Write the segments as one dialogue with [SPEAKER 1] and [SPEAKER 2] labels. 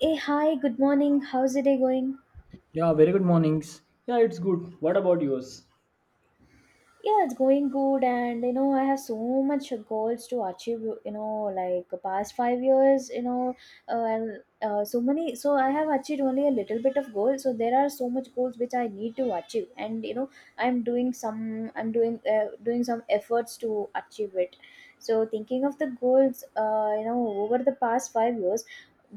[SPEAKER 1] Hey, hi, good morning. How's the day going?
[SPEAKER 2] Yeah, very good mornings. Yeah, it's good. What about yours?
[SPEAKER 1] Yeah, it's going good, and you know, I have so much goals to achieve, you know, like past 5 years, you know, and so many, so I have achieved only a little bit of goals, so there are so much goals which I need to achieve, and you know, I'm doing some, I'm doing doing some efforts to achieve it. So thinking of the goals, you know, over the past 5 years,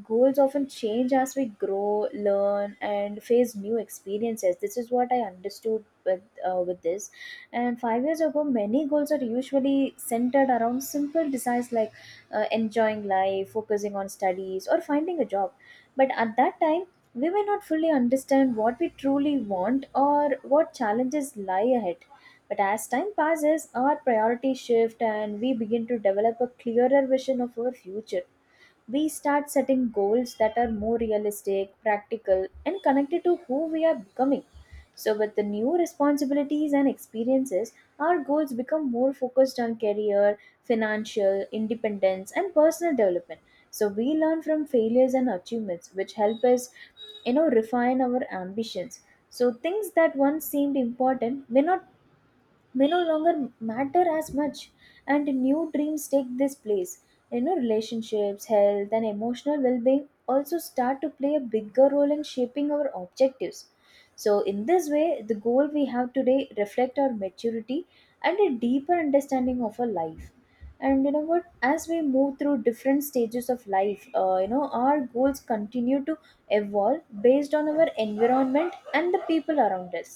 [SPEAKER 1] goals often change as we grow, learn and face new experiences. This is what I understood with this. And 5 years ago, many goals are usually centered around simple desires like enjoying life, focusing on studies, or finding a job. But at that time, we may not fully understand what we truly want or what challenges lie ahead. But as time passes, our priorities shift and we begin to develop a clearer vision of our future. We start setting goals that are more realistic, practical, and connected to who we are becoming. So, with the new responsibilities and experiences, our goals become more focused on career, financial independence, and personal development. So, we learn from failures and achievements, which help us, you know, refine our ambitions. So, things that once seemed important may not, may no longer matter as much, and new dreams take this place. You know, relationships, health and emotional well-being also start to play a bigger role in shaping our objectives. So in this way, the goal we have today reflect our maturity and a deeper understanding of our life. And you know what, as we move through different stages of life, you know, our goals continue to evolve based on our environment and the people around us,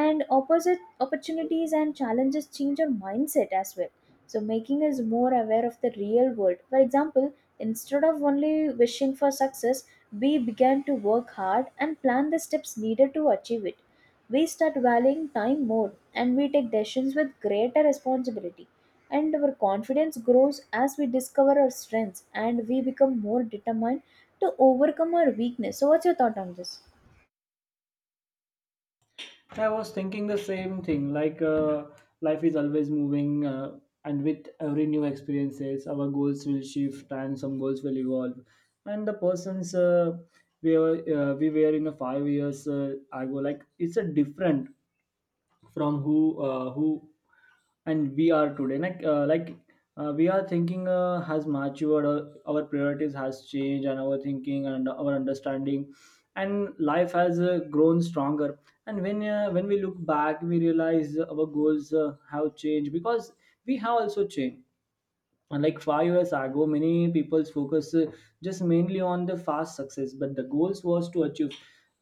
[SPEAKER 1] and opposite opportunities and challenges change our mindset as well, so making us more aware of the real world. For example, instead of only wishing for success, we began to work hard and plan the steps needed to achieve it. We start valuing time more and we take decisions with greater responsibility, and our confidence grows as we discover our strengths, and we become more determined to overcome our weakness. So what's your thought on this?
[SPEAKER 2] I was thinking the same thing. Like life is always moving, and with every new experiences, our goals will shift, and some goals will evolve. And the persons we were in a 5 years ago, like it's a different from who and we are today, like, we are thinking has matured. Our priorities has changed, and our thinking and our understanding and life has grown stronger. And when we look back, we realize our goals have changed because we have also changed. And like 5 years ago, many people's focus just mainly on the fast success, but the goals was to achieve.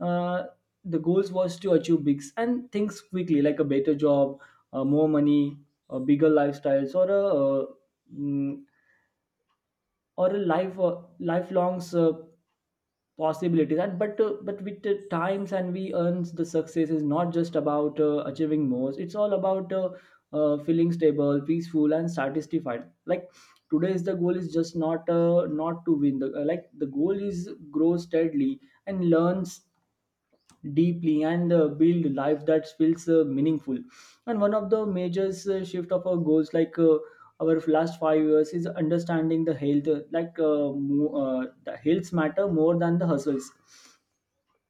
[SPEAKER 2] Uh, the goals was to achieve bigs and things quickly, like a better job, more money, bigger lifestyles, mm, or a life lifelongs. Possibilities. And but with the times and we earns, the success is not just about achieving more, it's all about feeling stable, peaceful, and satisfied. Like today's the goal is just not to win the. Like the goal is grow steadily and learns deeply, and build life that feels meaningful. And one of the major shift of our goals like our last 5 years is understanding the health like mo- the health matter more than the hustles.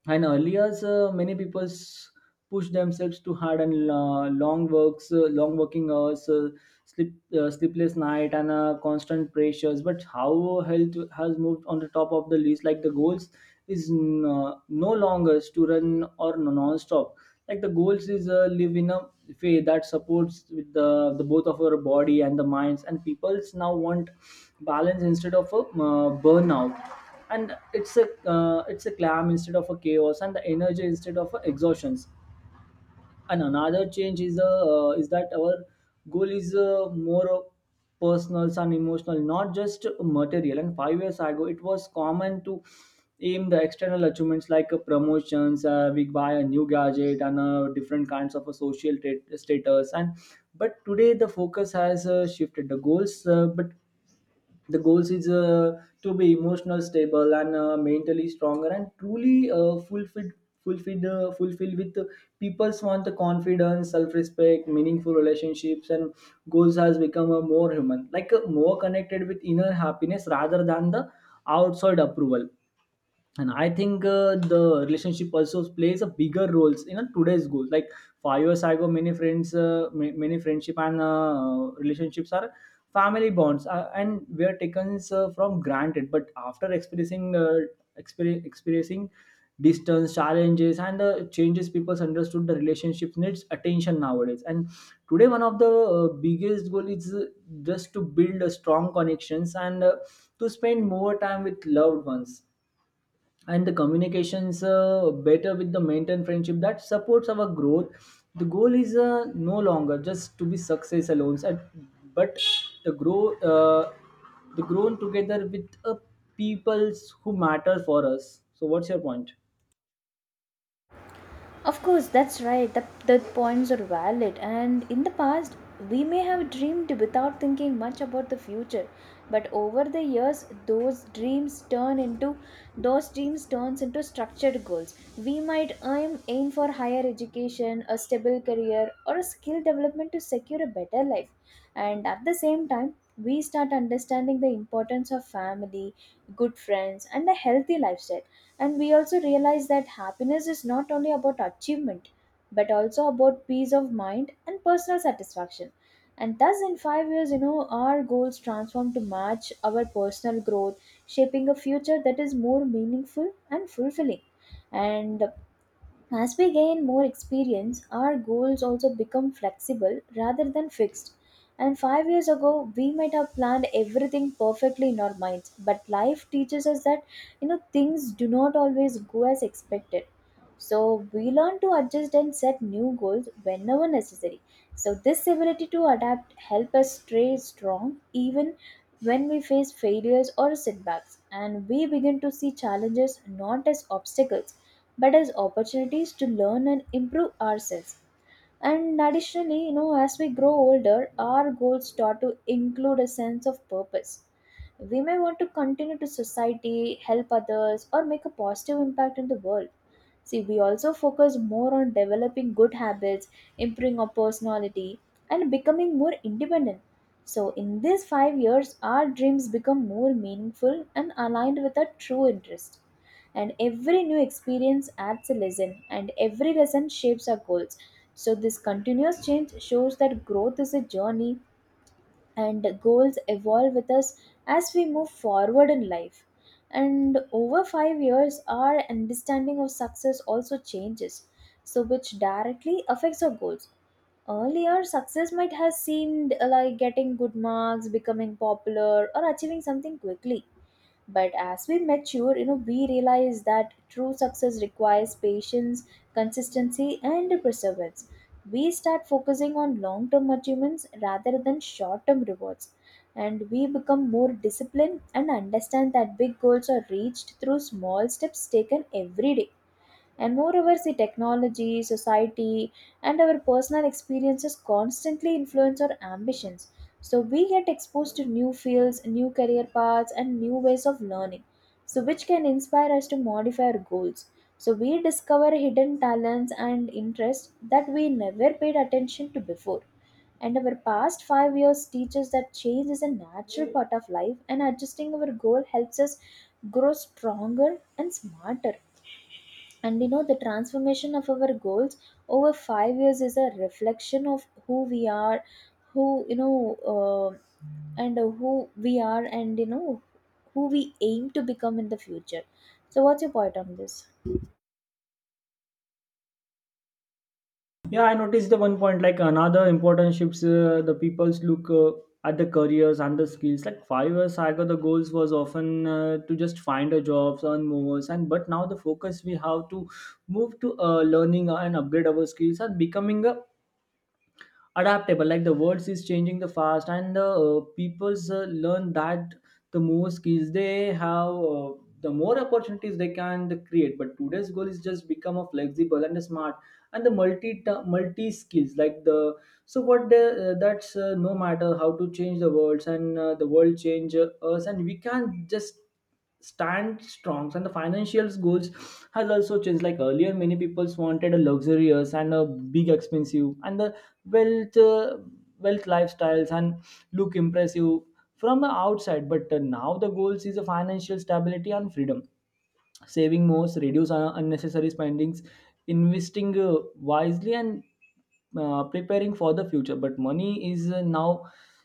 [SPEAKER 2] And earlier, many people push themselves too hard, and long working hours, sleep, sleepless night, and constant pressures. But how health has moved on the top of the list. Like the goals is no longer to run, or no, non-stop. Like the goals is live in a way that supports with the both of our body and the minds. And people's now want balance instead of a burnout, and it's a clam instead of a chaos, and the energy instead of a exhaustion. And another change is that our goal is more of personal and emotional, not just material. And 5 years ago, it was common to aim the external achievements, like promotions, we buy a new gadget, and different kinds of a social status. And but today the focus has shifted. The goals is to be emotional stable and mentally stronger and truly fulfilled with. People's want the confidence, self-respect, meaningful relationships. And goals has become a more human, like more connected with inner happiness rather than the outside approval. And I think the relationship also plays a bigger roles in a today's goals. Like 5 years ago, many many friendship and relationships are family bonds, and were taken from granted. But after experiencing distance, challenges, and changes, people understood the relationship needs attention nowadays. And today one of the biggest goal is just to build a strong connections, and to spend more time with loved ones, and the communications better, with the maintain friendship that supports our growth. The goal is no longer just to be success alone but the grow uh, the grown together with peoples who matter for us. So what's your point?
[SPEAKER 1] Of course, that's right. The points are valid. And in the past, we may have dreamed without thinking much about the future. But over the years, those dreams turns into structured goals. We might aim for higher education, a stable career, or a skill development to secure a better life. And at the same time, we start understanding the importance of family, good friends, and a healthy lifestyle, and we also realize that happiness is not only about achievement, but also about peace of mind and personal satisfaction. And thus in 5 years, you know, our goals transform to match our personal growth, shaping a future that is more meaningful and fulfilling. And as we gain more experience, our goals also become flexible rather than fixed. And 5 years ago, we might have planned everything perfectly in our minds, but life teaches us that, you know, things do not always go as expected. So we learn to adjust and set new goals whenever necessary. So this ability to adapt help us stay strong even when we face failures or setbacks, and we begin to see challenges not as obstacles but as opportunities to learn and improve ourselves. And additionally, you know, as we grow older, our goals start to include a sense of purpose. We may want to continue to society, help others, or make a positive impact in the world. See, we also focus more on developing good habits, improving our personality, and becoming more independent. So, in these 5 years, our dreams become more meaningful and aligned with our true interest. And every new experience adds a lesson, and every lesson shapes our goals. So, this continuous change shows that growth is a journey and goals evolve with us as we move forward in life. And over 5 years, our understanding of success also changes, so which directly affects our goals. Earlier, success might have seemed like getting good marks, becoming popular, or achieving something quickly, but as we mature, you know, we realize that true success requires patience, consistency and perseverance. We start focusing on long term achievements rather than short term rewards, and we become more disciplined and understand that big goals are reached through small steps taken every day. And moreover, see, technology, society and our personal experiences constantly influence our ambitions. So we get exposed to new fields, new career paths and new ways of learning, so which can inspire us to modify our goals. So we discover hidden talents and interests that we never paid attention to before. And our past 5 years teaches that change is a natural part of life, and adjusting our goal helps us grow stronger and smarter. And you know, the transformation of our goals over 5 years is a reflection of who we are, who, you know, uh, who we are, and you know, who we aim to become in the future. So, what's your point on this?
[SPEAKER 2] Yeah, I noticed the one point, like another important shifts. The people's look at the careers and the skills. Like 5 years ago, the goals was often to just find a job, earn more, and but now the focus we have to move to learning and upgrade our skills and becoming a adaptable. Like the world is changing the fast, and the people's learn that the more skills they have, the more opportunities they can create. But today's goal is just become a flexible and a smart and the multi skills. Like the, so what the, that's no matter how to change the worlds, and the world change us, and we can just stand strong. And the financial goals has also changed. Like earlier, many people wanted a luxurious and a big expensive, and the wealth uh, wealth lifestyles and look impressive from the outside. But now the goals is a financial stability and freedom, saving more, reduce unnecessary spendings, investing wisely, and preparing for the future. But money is now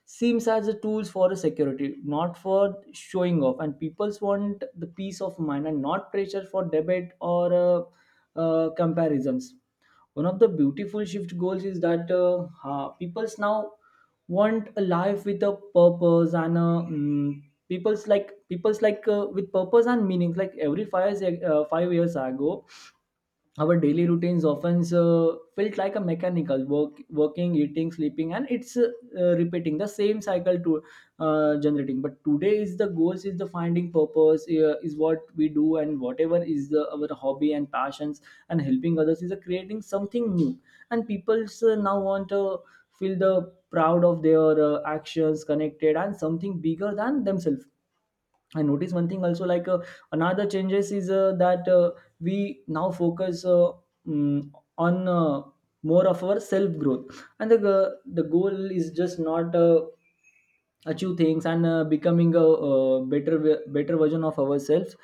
[SPEAKER 2] seems as a tools for a security, not for showing off. And people's want the peace of mind and not pressure for debate or comparisons. One of the beautiful shift goals is that people's now want a life with a purpose and people's like, with purpose and meaning. Like every 5 years ago, our daily routines often felt like a mechanical work, working, eating, sleeping, and it's repeating the same cycle to generating. But today is the goals is the finding purpose, is what we do, and whatever is our hobby and passions, and helping others is creating something new. And people now want to feel the proud of their actions, connected and something bigger than themselves. I noticed one thing also, like another changes is that we now focus mm, on more of our self growth. And the the goal is just not achieve things, and becoming a better better version of ourselves.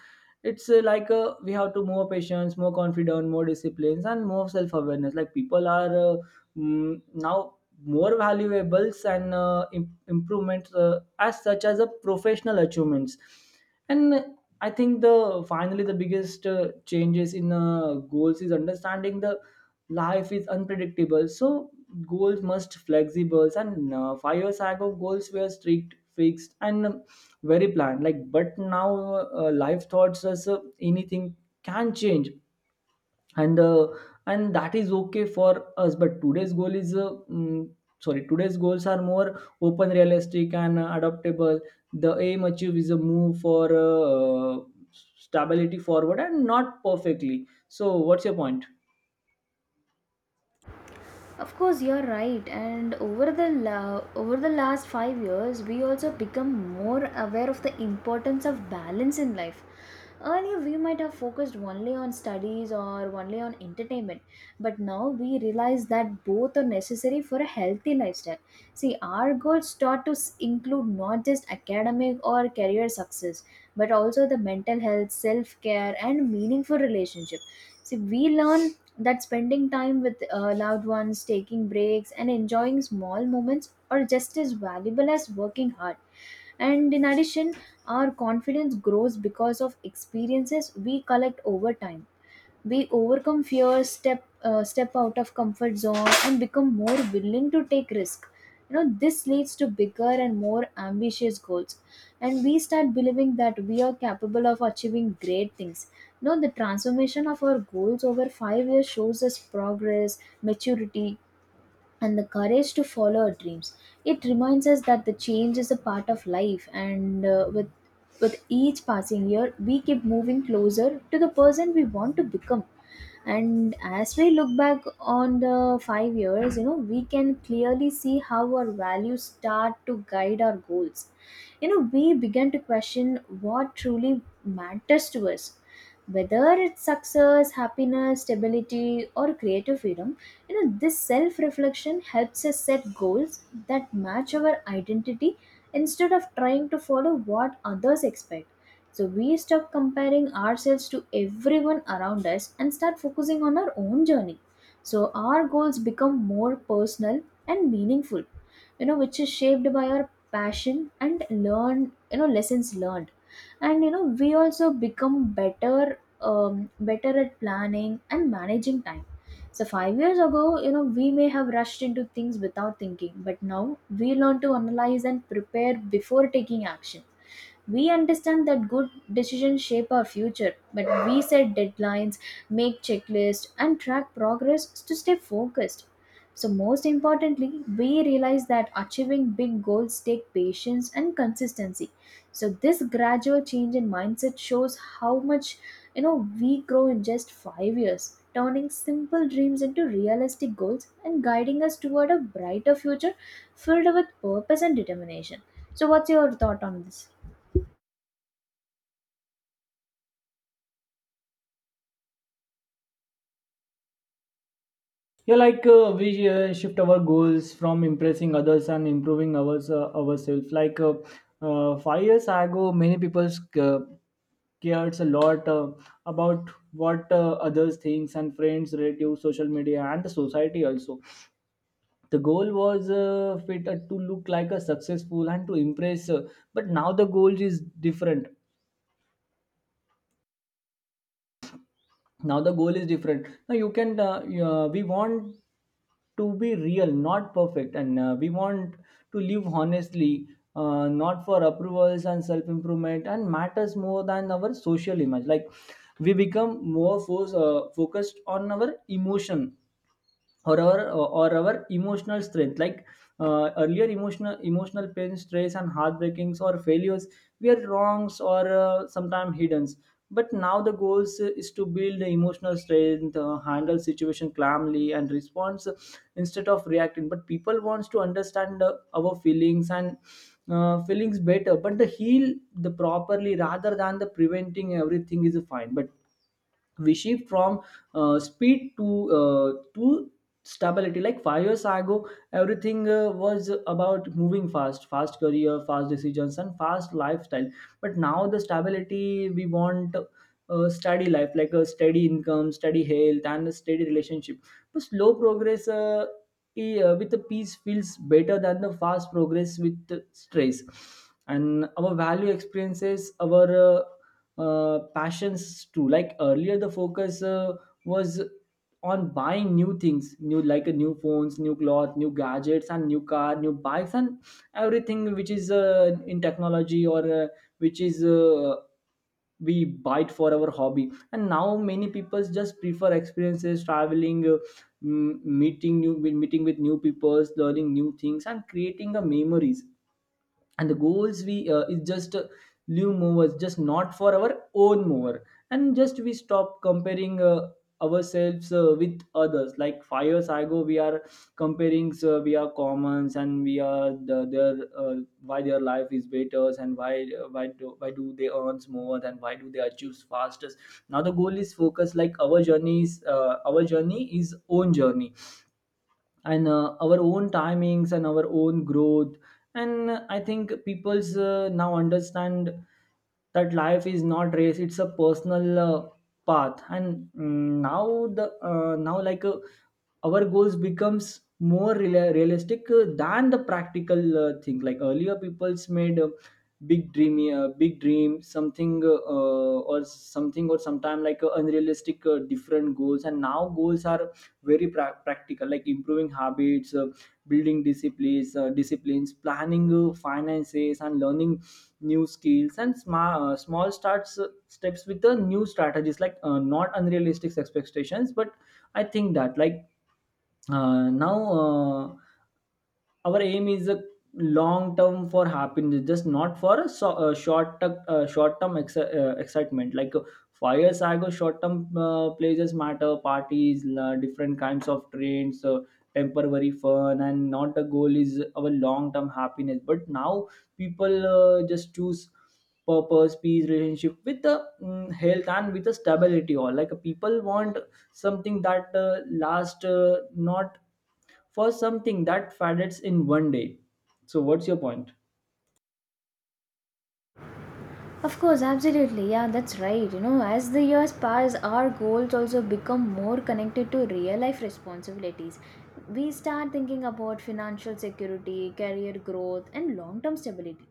[SPEAKER 2] It's like we have to more patience, more confidence, more disciplines, and more self awareness. Like people are now more valuables and improvements as such as a professional achievements. And I think the finally the biggest changes in goals is understanding the life is unpredictable. So goals must flexible, and 5 years ago, goals were strict, fixed, and very planned. Like but now life thoughts us, anything can change, and uh, and that is okay for us. But today's goal is sorry, today's goals are more open, realistic, and adaptable. The aim achieve is a move for stability forward, and not perfectly. So what's your point?
[SPEAKER 1] Of course, you're right. And over over the last 5 years, we also become more aware of the importance of balance in life. Earlier, we might have focused only on studies or only on entertainment, but now we realize that both are necessary for a healthy lifestyle. See, our goals include not just academic or career success, but also the mental health, self care, and meaningful relationship. See, we learn that spending time with loved ones, taking breaks, and enjoying small moments are just as valuable as working hard. And in addition, our confidence grows because of experiences we collect over time. We overcome fears, step out of comfort zone and become more willing to take risk. You know, this leads to bigger and more ambitious goals, and we start believing that we are capable of achieving great things. You know, the transformation of our goals over 5 years shows us progress, maturity and the courage to follow our dreams. It reminds us that the change is a part of life, and with each passing year, we keep moving closer to the person we want to become. And as we look back on the 5 years, you know, we can clearly see how our values start to guide our goals. You know, we begin to question what truly matters to us, whether it's success, happiness, stability, or creative freedom. You know, this self reflection helps us set goals that match our identity instead of trying to follow what others expect. So we stop comparing ourselves to everyone around us and start focusing on our own journey. So our goals become more personal and meaningful, you know, which is shaped by our passion and learn you know, lessons learned. And you know, we also become better at planning and managing time. So, 5 years ago, you know, we may have rushed into things without thinking, but now we learn to analyze and prepare before taking action. We understand that good decisions shape our future, but we set deadlines, make checklists, and track progress to stay focused. So, most importantly, we realize that achieving big goals take patience and consistency. So this gradual change in mindset shows how much, you know, we grow in just 5 years, turning simple dreams into realistic goals and guiding us toward a brighter future filled with purpose and determination. So what's your thought on this?
[SPEAKER 2] Yeah, like we shift our goals from impressing others and improving ourselves. Like 5 years ago, many people uh, cares a lot about what others thinks, and friends, relatives, social media, and the society also. The goal was fit, to look like a successful and to impress. But now the goal is different. Now the goal is different now you can you- We want to be real, not perfect, and we want to live honestly, not for approvals. And self improvement and matters more than our social image. Like we become more focused on our emotion, or our or our emotional strength. Like earlier, emotional pain, stress, and heartbreakings or failures were wrongs or sometimes hidden. But now the goals is to build the emotional strength, handle situation calmly and response instead of reacting. But people wants to understand our feelings better. But the heal the properly rather than the preventing everything is fine. But we shift from speed to stability. Like 5 years ago, everything was about moving fast, fast career, fast decisions, and fast lifestyle. But now the stability we want, steady life, like a steady income, steady health, and a steady relationship. But slow progress with the peace feels better than the fast progress with the stress. And our value experiences our passions too. Like earlier, the focus was on buying new things, new, new phones, new cloth, new gadgets, and new car, new bikes, and everything which is in technology, or which is we buy it for our hobby. And now many people just prefer experiences, traveling, meeting with new people, learning new things, and creating the memories and the goals we is just live movers just not for our own mover. And just we stop comparing ourselves with others, like 5 years ago we are comparing, so we are commons and we are their uh, why their life is better, and why do they earn more, and why do they achieve fastest. Now the goal is focus, like our journey is own journey, and our own timings and our own growth. And I think people's now understand that life is not race, it's a personal path. And now the now like our goals becomes more realistic than the practical thing. Like earlier people's made a big dream something, or something or sometime, like unrealistic different goals. And now goals are very practical, like improving habits, building disciplines, planning finances, and learning new skills, and small starts steps with the new strategies, like not unrealistic expectations. But I think that, like now our aim is a long term for happiness, just not for a short term excitement. Like 5 years ago, short term places matter, parties la, different kinds of trends, temporary fun, and not the goal is our long term happiness. But now people just choose purpose, peace, relationship with the health, and with the stability. All, like people want something that lasts, not for something that fades in one day. So what's your point?
[SPEAKER 1] Of course, absolutely. Yeah, that's right. You know, as the years pass, our goals also become more connected to real life responsibilities. We start thinking about financial security, career growth, and long term stability.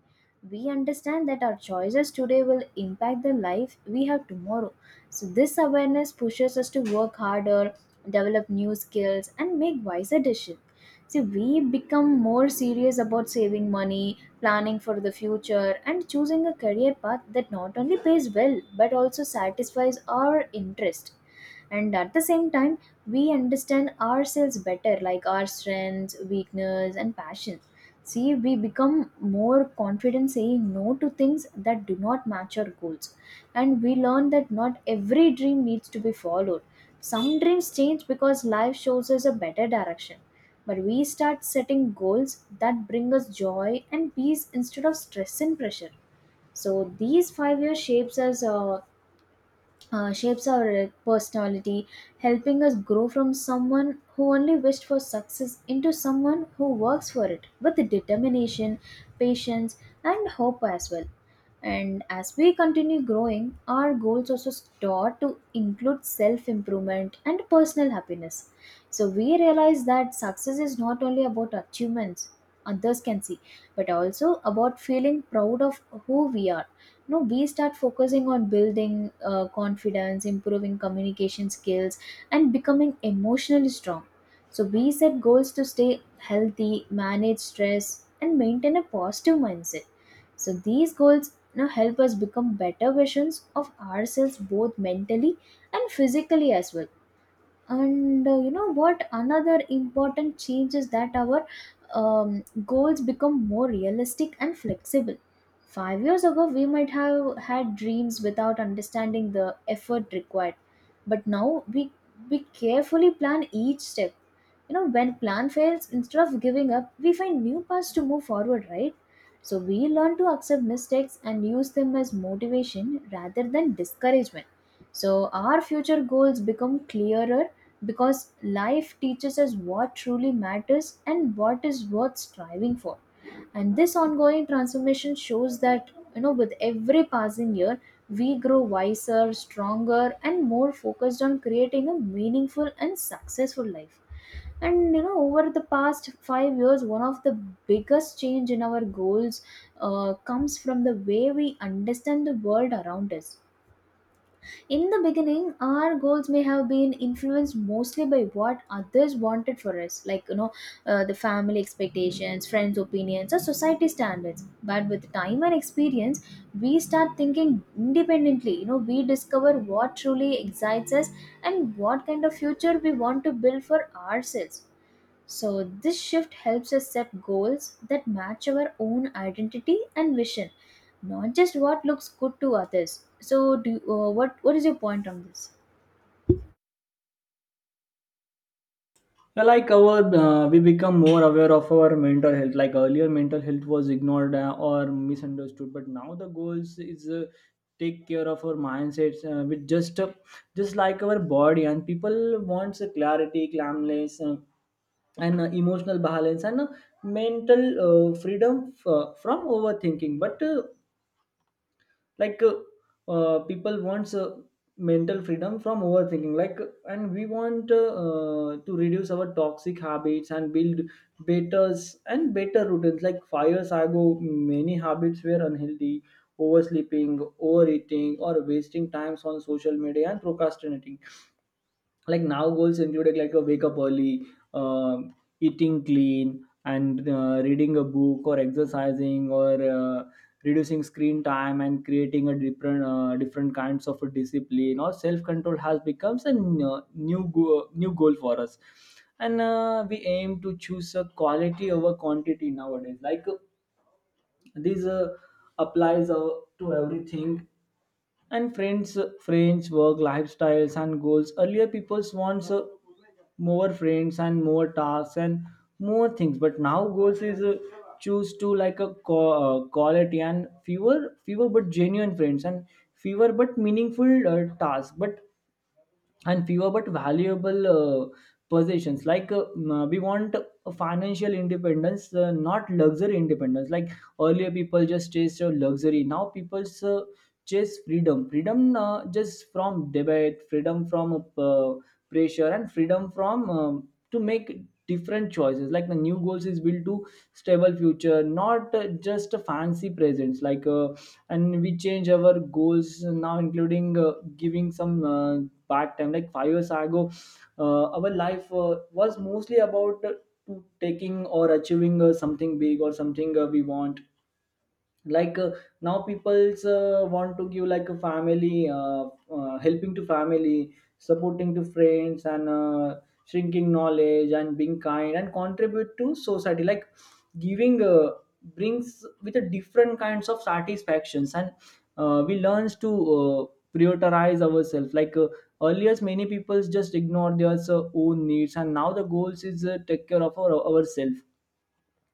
[SPEAKER 1] We understand that our choices today will impact the life we have tomorrow. So, this awareness pushes us to work harder, develop new skills, and make wiser decisions. See, we become more serious about saving money, planning for the future, and choosing a career path that not only pays well but also satisfies our interest. And at the same time, we understand ourselves better, like our strengths, weakness, and passions. See, we become more confident saying no to things that do not match our goals. And we learn that not every dream needs to be followed. Some dreams change because life shows us a better direction. But we start setting goals that bring us joy and peace instead of stress and pressure. So these 5 years shapes our personality, helping us grow from someone who only wished for success into someone who works for it with determination, patience, and hope as well. And as we continue growing, our goals also start to include self improvement and personal happiness. So we realize that success is not only about achievements others can see, but also about feeling proud of who we are. No, we start focusing on building confidence, improving communication skills, and becoming emotionally strong. So we set goals to stay healthy, manage stress, and maintain a positive mindset. So these goals now help us become better versions of ourselves both mentally and physically as well. And you know what, another important change is that our goals become more realistic and flexible. 5 years ago we might have had dreams without understanding the effort required, but now we carefully plan each step. You know, when plan fails, instead of giving up, we find new paths to move forward, right? So we learn to accept mistakes and use them as motivation rather than discouragement. So our future goals become clearer because life teaches us what truly matters and what is worth striving for. And this ongoing transformation shows that, you know, with every passing year we grow wiser, stronger, and more focused on creating a meaningful and successful life. And you know, over the past 5 years, one of the biggest change in our goals comes from the way we understand the world around us. In the beginning, our goals may have been influenced mostly by what others wanted for us, like, you know, the family expectations, friends' opinions, or society standards. But with time and experience, we start thinking independently. You know, we discover what truly excites us and what kind of future we want to build for ourselves. So this shift helps us set goals that match our own identity and vision, not just what looks good to others. So, do, what is your point on this?
[SPEAKER 2] Yeah, like our we become more aware of our mental health, like earlier mental health was ignored or misunderstood, but now the goals is take care of our mindsets with just like our body. And people wants a clarity, calmness, and emotional balance, and mental freedom from overthinking. But like uh, people wants mental freedom from overthinking, like. And we want to reduce our toxic habits and build better and better routines. Like 5 years ago many habits were unhealthy: oversleeping, overeating, or wasting times on social media, and procrastinating. Like now goals included, like a wake up early, um eating clean, and reading a book or exercising, or reducing screen time, and creating a different kinds of a discipline or self control has becomes a new goal for us. And we aim to choose a quality over quantity nowadays, like this applies to everything. And friends work lifestyles and goals, earlier people wants more friends, and more tasks, and more things. But now goals is choose to, like a quality, and fewer but genuine friends, and fewer but meaningful tasks, but and fewer but valuable uh, possessions. Like we want a financial independence, not luxury independence. Like earlier people just chased luxury, now people chase freedom, just from debate, freedom from pressure, and freedom from to make different choices. Like the new goals is built to stable future, not just a fancy presents, like and we change our goals now including giving some back time. Like 5 years ago our life was mostly about to taking or achieving something big or something we want. Like now people's want to give, like a family, helping to family, supporting to friends, and shrinking knowledge, and being kind, and contribute to society. Like giving brings with a different kinds of satisfactions. And we learns to prioritize ourselves, like earlier many people just ignore their own needs, and now the goals is take care of our, ourselves,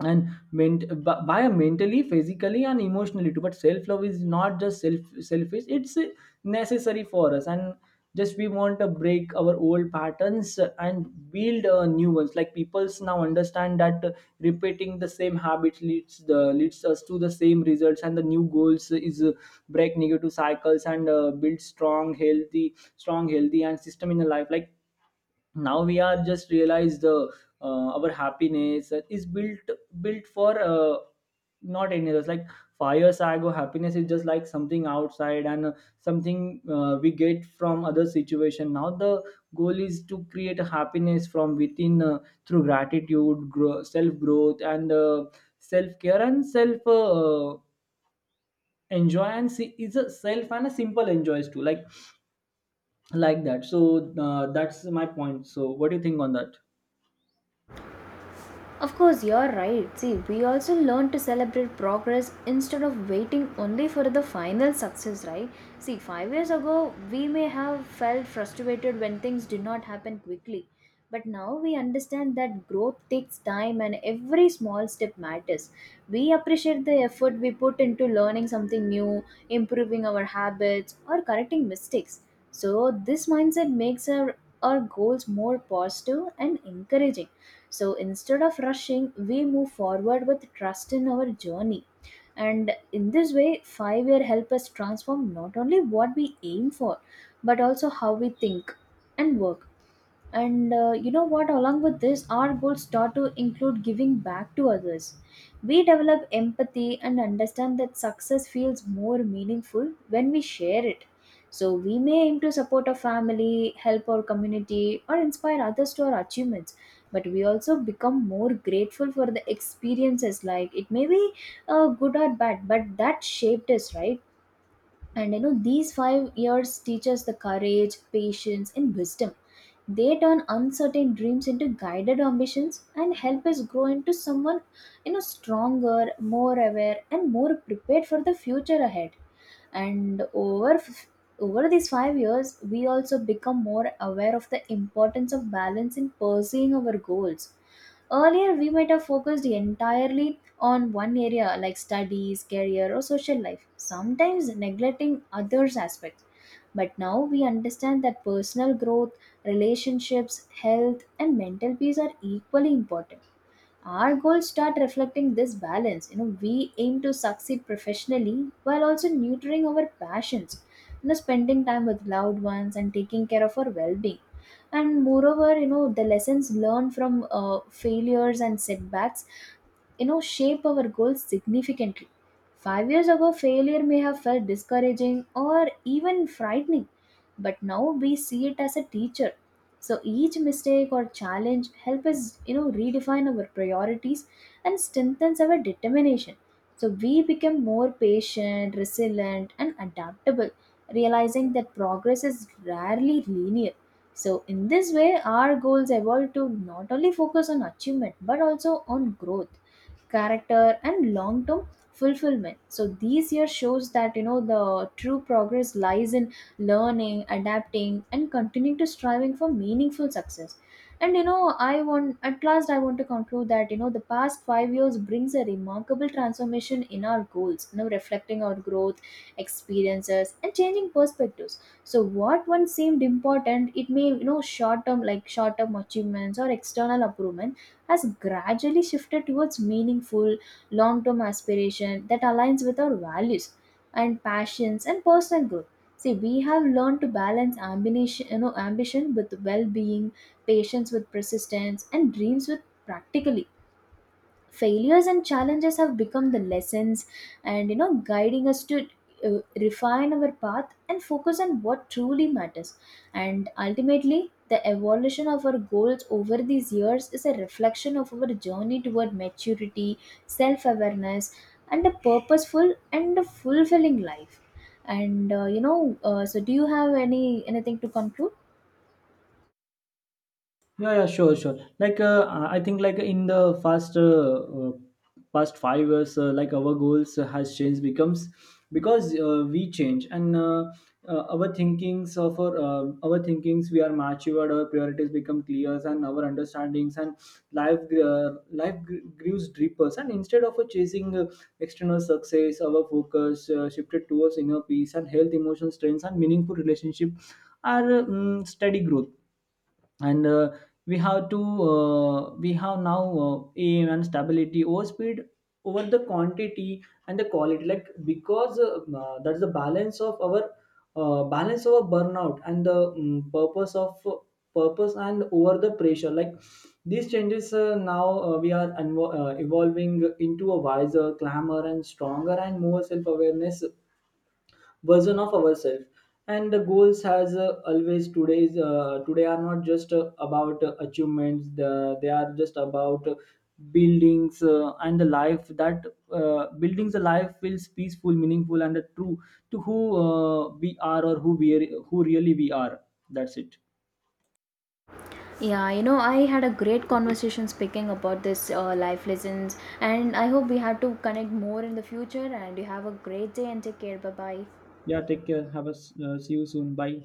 [SPEAKER 2] and by mentally, physically, and emotionally too. But self love is not just selfish, it's necessary for us. And just we want to break our old patterns and build new ones. Like people's now understand that repeating the same habits leads us to the same results, and the new goals is break negative cycles, and build strong healthy and system in the life. Like now we are just realize the our happiness is built for not any others. Like fire sago happiness is just like something outside, and something we get from other situation. Now the goal is to create a happiness from within, through gratitude grow, self growth, and self care, and self enjoy, and see is a self and a simple enjoys too. Like that, so that's my point. So what do you think on that?
[SPEAKER 1] Of course, you're right. See, we also learn to celebrate progress instead of waiting only for the final success, right? See, 5 years ago, we may have felt frustrated when things did not happen quickly. But now we understand that growth takes time and every small step matters. We appreciate the effort we put into learning something new, improving our habits, or correcting mistakes. So this mindset makes our goals more positive and encouraging. So instead of rushing, we move forward with trust in our journey. And in this way, 5 year help us transform not only what we aim for, but also how we think and work. And you know what, along with this, our goals start to include giving back to others. We develop empathy and understand that success feels more meaningful when we share it. So we may aim to support our family, help our community, or inspire others to our achievements. But we also become more grateful for the experiences, like it may be good or bad, but that shaped us, right? And you know, these 5 years teach us the courage, patience, and wisdom. They turn uncertain dreams into guided ambitions and help us grow into someone, you know, stronger, more aware, and more prepared for the future ahead. And over these 5 years, we also become more aware of the importance of balance in pursuing our goals. Earlier, we might have focused entirely on one area like studies, career, or social life, sometimes neglecting others' aspects. But now we understand that personal growth, relationships, health, and mental peace are equally important. Our goals start reflecting this balance. You know, we aim to succeed professionally while also nurturing our passions, you know, spending time with loved ones and taking care of our well-being. And moreover, you know, the lessons learned from failures and setbacks, you know, shape our goals significantly. 5 years ago, failure may have felt discouraging or even frightening, but now we see it as a teacher. So each mistake or challenge help us, you know, redefine our priorities and strengthens our determination. So we become more patient, resilient, and adaptable, realizing that progress is rarely linear. So in this way, our goals evolve to not only focus on achievement but also on growth, character, and long term fulfillment. So these years shows that, you know, the true progress lies in learning, adapting, and continuing to striving for meaningful success. And you know, I want at last I want to conclude that, you know, the past 5 years brings a remarkable transformation in our goals, you know, reflecting our growth, experiences, and changing perspectives. So what once seemed important, it may, you know, short term achievements or external approval, has gradually shifted towards meaningful, long term aspiration that aligns with our values and passions and personal growth. See, we have learned to balance ambition with well being, patience with persistence, and dreams with practicality. Failures and challenges have become the lessons, and you know, guiding us to refine our path and focus on what truly matters. And ultimately, the evolution of our goals over these years is a reflection of our journey toward maturity, self-awareness, and a purposeful and a fulfilling life. And so do you have anything to conclude?
[SPEAKER 2] Yeah, yeah, sure, sure. Like, I think, like in the past past 5 years, like our goals has changed becomes, because we change, and our thinkings of our thinkings we are matured, our priorities become clear, and our understandings and life grows deeper. And instead of chasing external success, our focus shifted towards inner peace and health, emotional strengths, and meaningful relationship, are steady growth. And we have now aim and stability over speed, over the quantity and the quality, like. Because that's the balance of our balance over burnout, and the purpose and over the pressure. Like these changes, now we are evolving into a wiser, clamor and stronger and more self-awareness version of ourselves. And the goals has always today's today are not just about achievements, they are just about buildings and the life that buildings a life feels peaceful, meaningful, and true to who we are, who really we are. That's it.
[SPEAKER 1] Yeah, you know, I had a great conversation speaking about this life lessons, and I hope we have to connect more in the future. And you have a great day and take care. Bye bye.
[SPEAKER 2] Yeah, take care, have a see you soon. Bye.